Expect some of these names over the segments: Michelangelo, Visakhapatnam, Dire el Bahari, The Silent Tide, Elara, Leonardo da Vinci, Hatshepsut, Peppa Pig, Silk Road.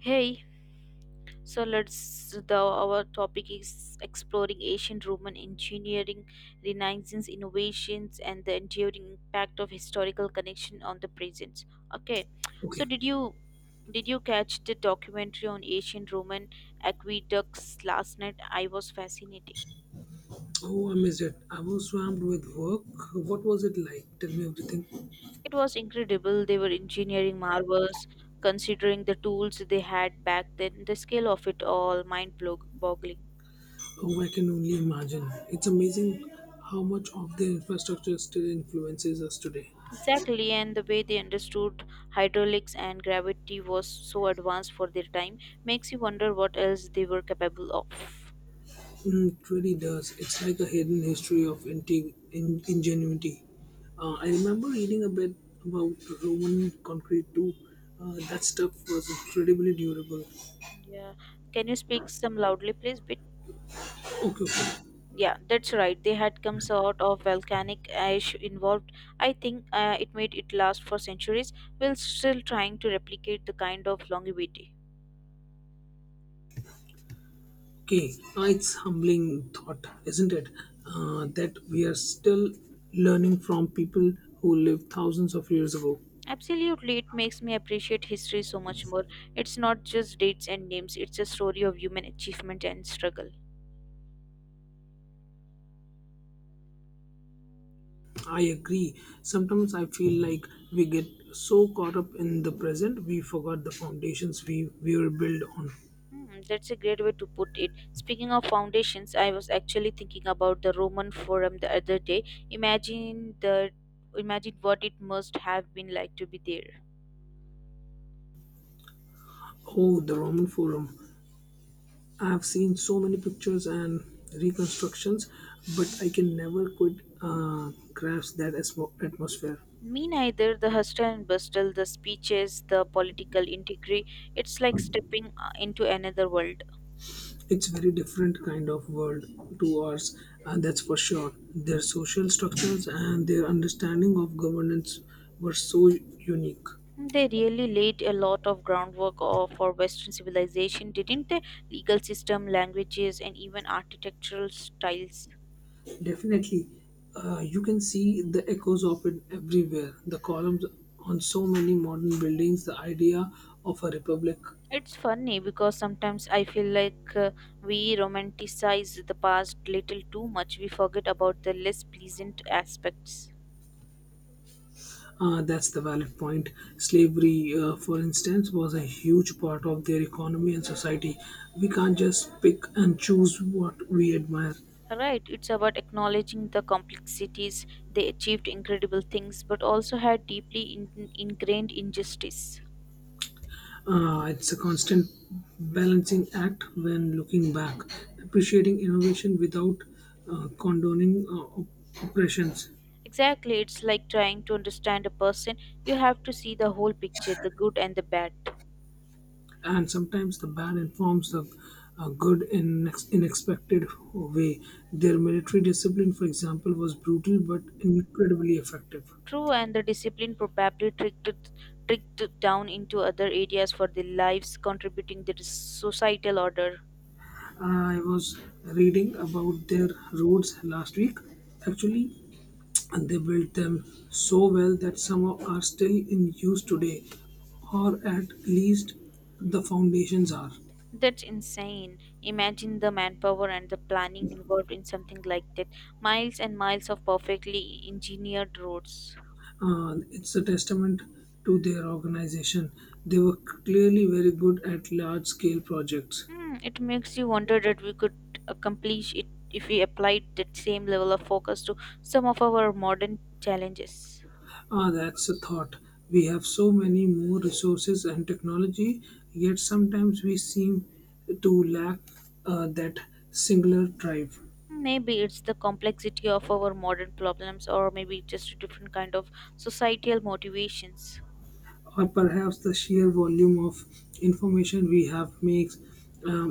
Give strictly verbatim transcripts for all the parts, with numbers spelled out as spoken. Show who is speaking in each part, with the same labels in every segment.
Speaker 1: Hey, so let's the our topic is exploring ancient Roman engineering, Renaissance innovations, and the enduring impact of historical connection on the present. Okay, so
Speaker 2: Okay.
Speaker 1: did you did you catch the documentary on ancient Roman aqueducts last night? I was fascinating.
Speaker 2: Oh, I missed it. I was swamped with work. What was it like? Tell me everything.
Speaker 1: It was incredible. They were engineering marvels, considering the tools they had back then. The scale of it all mind boggling.
Speaker 2: Oh, I can only imagine. It's amazing how much of the infrastructure still influences us today.
Speaker 1: Exactly, and the way they understood hydraulics and gravity was so advanced for their time makes you wonder what else they were capable of.
Speaker 2: Mm, it really does. It's like a hidden history of inti- in- ingenuity. Uh, I remember reading a bit about Roman concrete too. Uh, that stuff was incredibly durable.
Speaker 1: Yeah. Can you speak some loudly, please? Bit.
Speaker 2: Okay,
Speaker 1: Yeah.
Speaker 2: okay.
Speaker 1: Yeah, that's right. They had some sort of volcanic ash involved. I think uh, it made it last for centuries while still trying to replicate the kind of longevity.
Speaker 2: Okay, uh, it's humbling thought, isn't it? Uh, that we are still learning from people who lived thousands of years ago.
Speaker 1: Absolutely, it makes me appreciate history so much more. It's not just dates and names, it's a story of human achievement and struggle.
Speaker 2: I agree. Sometimes I feel like we get so caught up in the present we forgot the foundations we, we were built on.
Speaker 1: Hmm, that's a great way to put it. Speaking of foundations, I was actually thinking about the Roman Forum the other day. Imagine the Imagine what it must have been like to be there.
Speaker 2: Oh, the Roman Forum. I've seen so many pictures and reconstructions, but I can never quite uh, grasp that atmo- atmosphere.
Speaker 1: Me neither. The hustle and bustle, the speeches, the political intrigue. It's like stepping uh, into another world.
Speaker 2: It's very different kind of world to ours, and that's for sure. Their social structures and their understanding of governance were so unique.
Speaker 1: They really laid a lot of groundwork uh, for Western civilization, didn't they? Legal system, languages, and even architectural styles.
Speaker 2: Definitely, uh, you can see the echoes of it everywhere. The columns on so many modern buildings, the idea of a republic.
Speaker 1: It's funny because sometimes I feel like uh, we romanticize the past little too much. We forget about the less pleasant aspects.
Speaker 2: Uh, that's the valid point. Slavery, uh, for instance, was a huge part of their economy and society. We can't just pick and choose what we admire.
Speaker 1: Right, it's about acknowledging the complexities. They achieved incredible things but also had deeply in- ingrained injustice.
Speaker 2: Uh, it's a constant balancing act when looking back, appreciating innovation without uh, condoning uh, op- oppressions.
Speaker 1: Exactly, it's like trying to understand a person. You have to see the whole picture, the good and the bad.
Speaker 2: And sometimes the bad informs the uh, good in ex- in expected way. Their military discipline, for example, was brutal but incredibly effective.
Speaker 1: True, and the discipline probably tricked it, tricked it down into other areas for their lives, contributing to the societal order.
Speaker 2: I was reading about their roads last week. Actually, and they built them so well that some of are still in use today, or at least the foundations are.
Speaker 1: That's insane. Imagine the manpower and the planning involved in something like that. Miles and miles of perfectly engineered roads.
Speaker 2: Uh, it's a testament to their organization. They were clearly very good at large scale projects.
Speaker 1: Hmm, it makes you wonder that we could accomplish it if we applied that same level of focus to some of our modern challenges.
Speaker 2: Ah, that's a thought. We have so many more resources and technology, yet sometimes we seem to lack uh, that singular drive,
Speaker 1: Maybe it's the complexity of our modern problems, or maybe just a different kind of societal motivations.
Speaker 2: or perhaps the sheer volume of information we have makes um,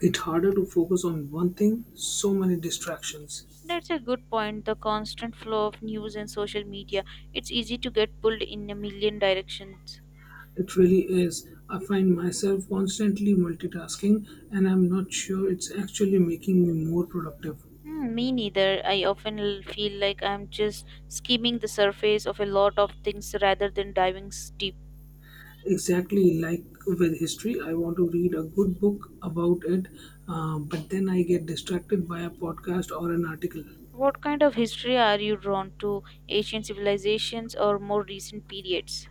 Speaker 2: it's harder to focus on one thing, so many distractions.
Speaker 1: That's a good point. The constant flow of news and social media, it's easy to get pulled in a million directions.
Speaker 2: It really is. I find myself constantly multitasking, and I'm not sure it's actually making me more productive.
Speaker 1: Hmm, me neither. I often l- feel like I'm just skimming the surface of a lot of things rather than diving s- deep.
Speaker 2: Exactly like with history, I want to read a good book about it, uh, but then I get distracted by a podcast or an article.
Speaker 1: What kind of history are you drawn to? Ancient civilizations or more recent periods?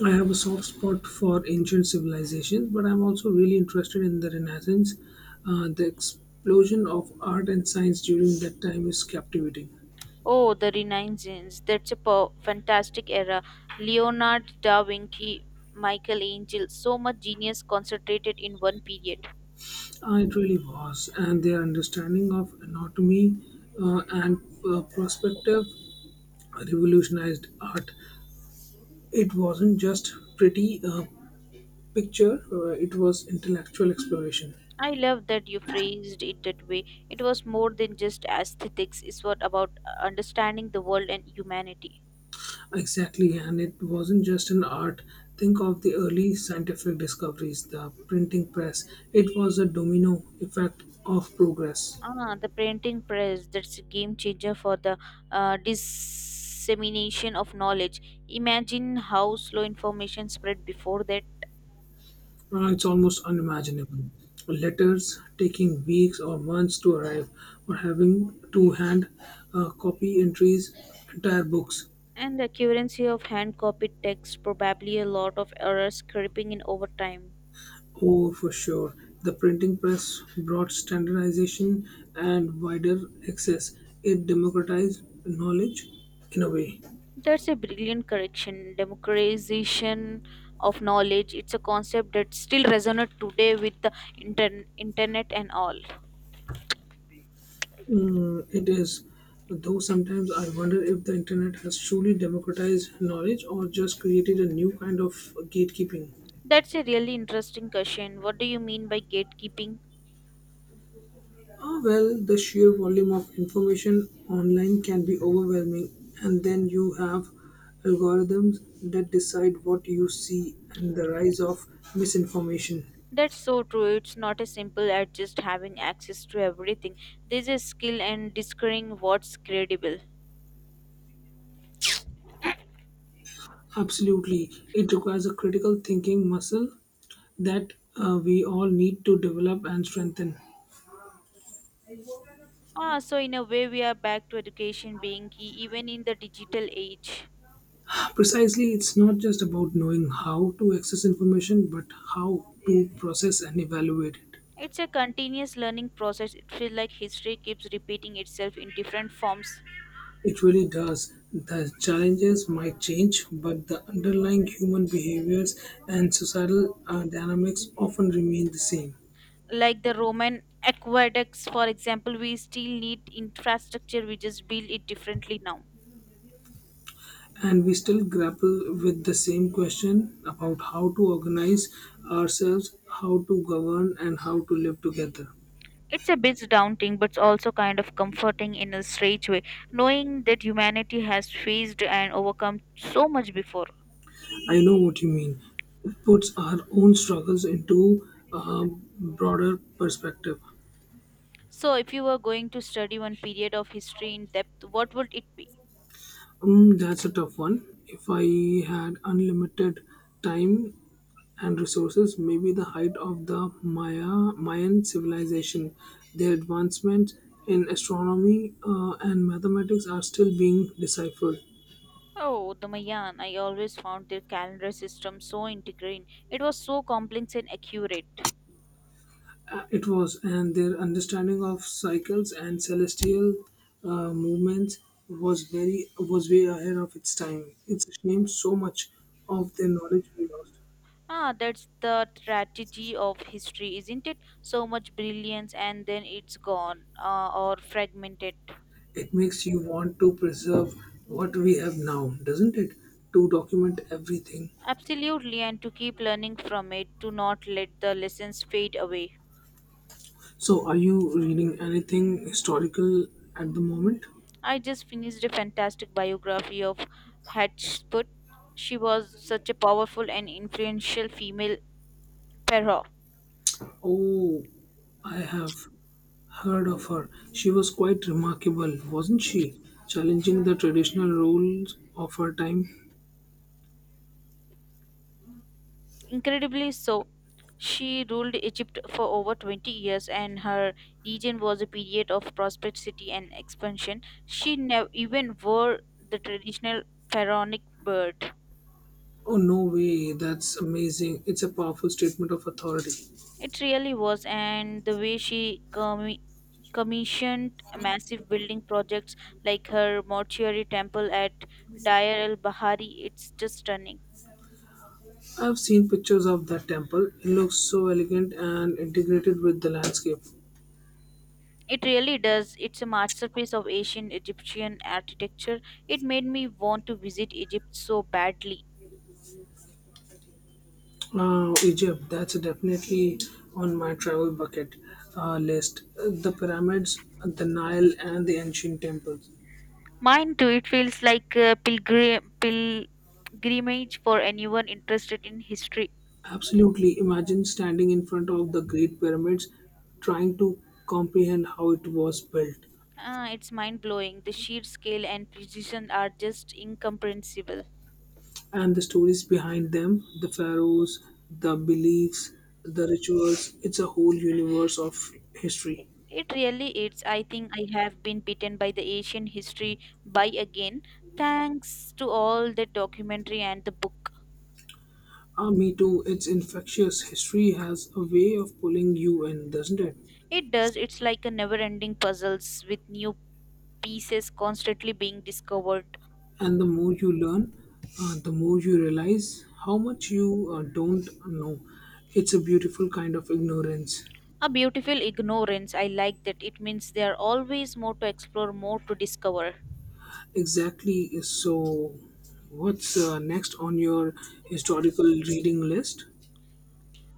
Speaker 2: I have a soft spot for ancient civilizations, but I'm also really interested in the Renaissance. Uh, the explosion of art and science during that time is captivating.
Speaker 1: Oh, the Renaissance. That's a po- fantastic era. Leonardo da Vinci, Michelangelo, so much genius concentrated in one period.
Speaker 2: Uh, It really was, and their understanding of anatomy uh, and uh, perspective revolutionized art. It wasn't just pretty uh, picture; uh, it was intellectual exploration.
Speaker 1: I love that you phrased it that way. It was more than just aesthetics, it's what about uh, understanding the world and humanity.
Speaker 2: Exactly, and it wasn't just an art. Think of the early scientific discoveries, the printing press. It was a domino effect of progress.
Speaker 1: Ah, the printing press, that's a game changer for the uh, dissemination of knowledge. Imagine how slow information spread before that.
Speaker 2: Uh, it's almost unimaginable. Letters taking weeks or months to arrive, or having to hand uh, copy entries, entire books.
Speaker 1: And the accuracy of hand copied text, probably a lot of errors creeping in over time.
Speaker 2: Oh, for sure. The printing press brought standardization and wider access. It democratized knowledge in a way.
Speaker 1: That's a brilliant correction. Democratization of knowledge. It's a concept that still resonates today with the inter- internet and all.
Speaker 2: Mm, it is, though sometimes I wonder if the internet has truly democratized knowledge or just created a new kind of gatekeeping.
Speaker 1: That's a really interesting question. What do you mean by gatekeeping?
Speaker 2: Ah, well, the sheer volume of information online can be overwhelming, and then you have algorithms that decide what you see and the rise of misinformation.
Speaker 1: That's so true. It's not as simple as just having access to everything. There's a skill and discerning what's credible.
Speaker 2: Absolutely, it requires a critical thinking muscle that uh, we all need to develop and strengthen.
Speaker 1: Ah, so in a way, we are back to education being key even in the digital age.
Speaker 2: Precisely, it's not just about knowing how to access information, but how to process and evaluate it.
Speaker 1: It's a continuous learning process. It feels like history keeps repeating itself in different forms.
Speaker 2: It really does. The challenges might change, but the underlying human behaviors and societal uh, dynamics often remain the same.
Speaker 1: Like the Roman aqueducts, for example, we still need infrastructure, we just build it differently now.
Speaker 2: And we still grapple with the same question about how to organize ourselves, how to govern, and how to live together.
Speaker 1: It's a bit daunting, but also kind of comforting in a strange way, knowing that humanity has faced and overcome so much before.
Speaker 2: I know what you mean. It puts our own struggles into a broader perspective.
Speaker 1: So, if you were going to study one period of history in depth, what would it be?
Speaker 2: Um, that's a tough one. If I had unlimited time, and resources, maybe the height of the Maya, Mayan civilization. Their advancements in astronomy uh, and mathematics are still being deciphered.
Speaker 1: Oh, the Mayan. I always found their calendar system so integrating. It was so complex and accurate.
Speaker 2: Uh, It was, and their understanding of cycles and celestial uh, movements was very was way ahead of its time. It's a shame so much of their knowledge we lost.
Speaker 1: Ah, that's the tragedy of history, isn't it? So much brilliance and then it's gone uh, or fragmented.
Speaker 2: It makes you want to preserve what we have now, doesn't it? To document everything.
Speaker 1: Absolutely, and to keep learning from it, to not let the lessons fade away.
Speaker 2: So, are you reading anything historical at the moment?
Speaker 1: I just finished a fantastic biography of Hatshepsut. She was such a powerful and influential female pharaoh.
Speaker 2: Oh, I have heard of her. She was quite remarkable, wasn't she? Challenging the traditional roles of her time.
Speaker 1: Incredibly so. She ruled Egypt for over twenty years, and her region was a period of prosperity and expansion. She never even wore the traditional pharaonic beard.
Speaker 2: Oh, no way, that's amazing. It's a powerful statement of authority.
Speaker 1: It really was, and the way she commi- commissioned massive building projects like her mortuary temple at Dire el Bahari, it's just stunning.
Speaker 2: I've seen pictures of that temple. It looks so elegant and integrated with the landscape.
Speaker 1: It really does. It's a masterpiece of ancient Egyptian architecture. It made me want to visit Egypt so badly.
Speaker 2: Uh, Egypt, that's definitely on my travel bucket uh, list. The pyramids, the Nile, and the ancient temples.
Speaker 1: Mine too. It feels like a pilgrim, pilgrimage for anyone interested in history.
Speaker 2: Absolutely. Imagine standing in front of the Great Pyramids, trying to comprehend how it was built,
Speaker 1: Ah, it's mind blowing. The sheer scale and precision are just incomprehensible.
Speaker 2: and the stories behind them, the pharaohs, the beliefs, the rituals. It's a whole universe of history.
Speaker 1: It really is. I think I have been bitten by the Asian history by again, thanks to all the documentary and the book.
Speaker 2: Ah, me too. It's infectious. History has a way of pulling you in, doesn't it?
Speaker 1: It does. It's like a never ending puzzles with new pieces constantly being discovered.
Speaker 2: And the more you learn, uh, the more you realize how much you uh, don't know. It's a beautiful kind of ignorance.
Speaker 1: A beautiful ignorance. I like that. It means there are always more to explore, more to discover.
Speaker 2: Exactly. So what's uh, next on your historical reading list?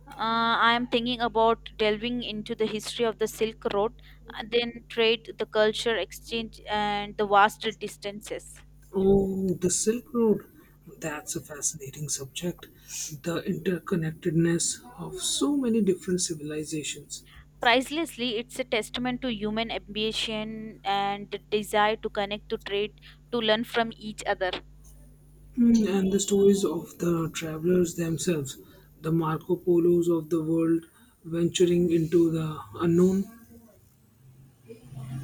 Speaker 1: Uh, I am thinking about delving into the history of the Silk Road, and then trade, the culture exchange, and the vast distances.
Speaker 2: Oh, the Silk Road, that's a fascinating subject. The interconnectedness of so many different civilizations.
Speaker 1: Pricelessly, it's a testament to human ambition and the desire to connect, to trade, to learn from each other.
Speaker 2: Mm, and the stories of the travelers themselves, the Marco Polos of the world venturing into the unknown,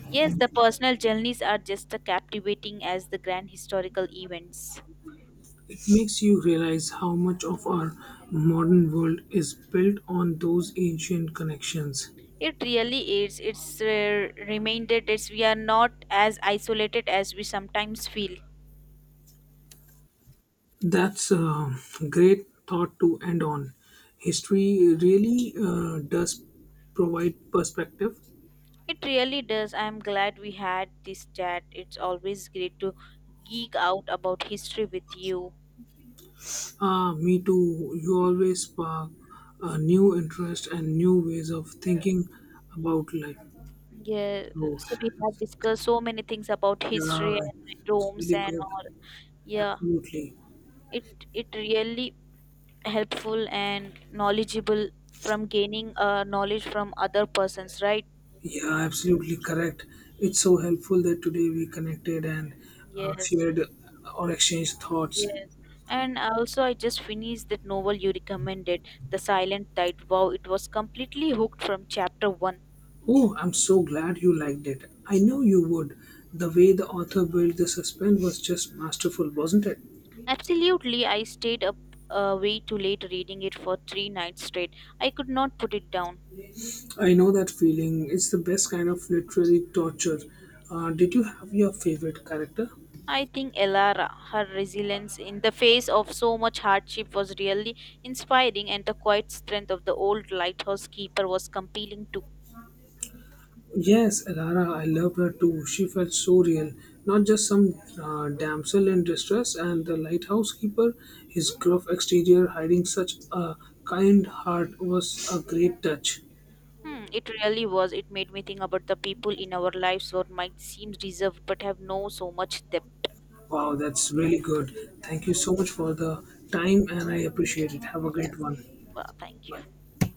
Speaker 1: Yes, the personal journeys are just as captivating as the grand historical events.
Speaker 2: it makes you realize how much of our modern world is built on those ancient connections.
Speaker 1: It really is. It's a reminder that we are not as isolated as we sometimes feel.
Speaker 2: That's a great thought to end on. History really uh, does provide perspective.
Speaker 1: It really does. I'm glad we had this chat. It's always great to geek out about history with you.
Speaker 2: Ah, me too. You always spark a new interest and new ways of thinking about life.
Speaker 1: Yeah,
Speaker 2: Oh,
Speaker 1: so we have discussed so many things about history
Speaker 2: yeah,
Speaker 1: and
Speaker 2: it's
Speaker 1: Rome's
Speaker 2: really
Speaker 1: and
Speaker 2: good.
Speaker 1: all. Yeah,
Speaker 2: Absolutely.
Speaker 1: it it really helpful and knowledgeable from gaining uh, knowledge from other persons, right?
Speaker 2: Yeah, absolutely correct. It's so helpful that today we connected and uh,
Speaker 1: Yes.
Speaker 2: shared or exchanged thoughts.
Speaker 1: Yes, and also I just finished that novel you recommended, The Silent Tide. Wow, it was completely hooked from chapter one.
Speaker 2: Oh, I'm so glad you liked it. I know you would. The way the author built the suspense was just masterful, wasn't it?
Speaker 1: Absolutely, I stayed up uh, way too late reading it for three nights straight. I could not put it down.
Speaker 2: I know that feeling. It's the best kind of literary torture. Uh, did you have your favorite character?
Speaker 1: I think Elara, her resilience in the face of so much hardship was really inspiring, and the quiet strength of the old lighthouse keeper was compelling too.
Speaker 2: Yes, Rara, I loved her too. She felt so real. Not just some uh, damsel in distress, and the lighthouse keeper, his gruff exterior hiding such a kind heart, was a great touch.
Speaker 1: Hmm, it really was. It made me think about the people in our lives who might seem reserved but have no so much depth.
Speaker 2: Wow, that's really good. Thank you so much for the time, and I appreciate it. Have a great
Speaker 1: Yes.
Speaker 2: one.
Speaker 1: Well, thank
Speaker 2: Bye.
Speaker 1: you.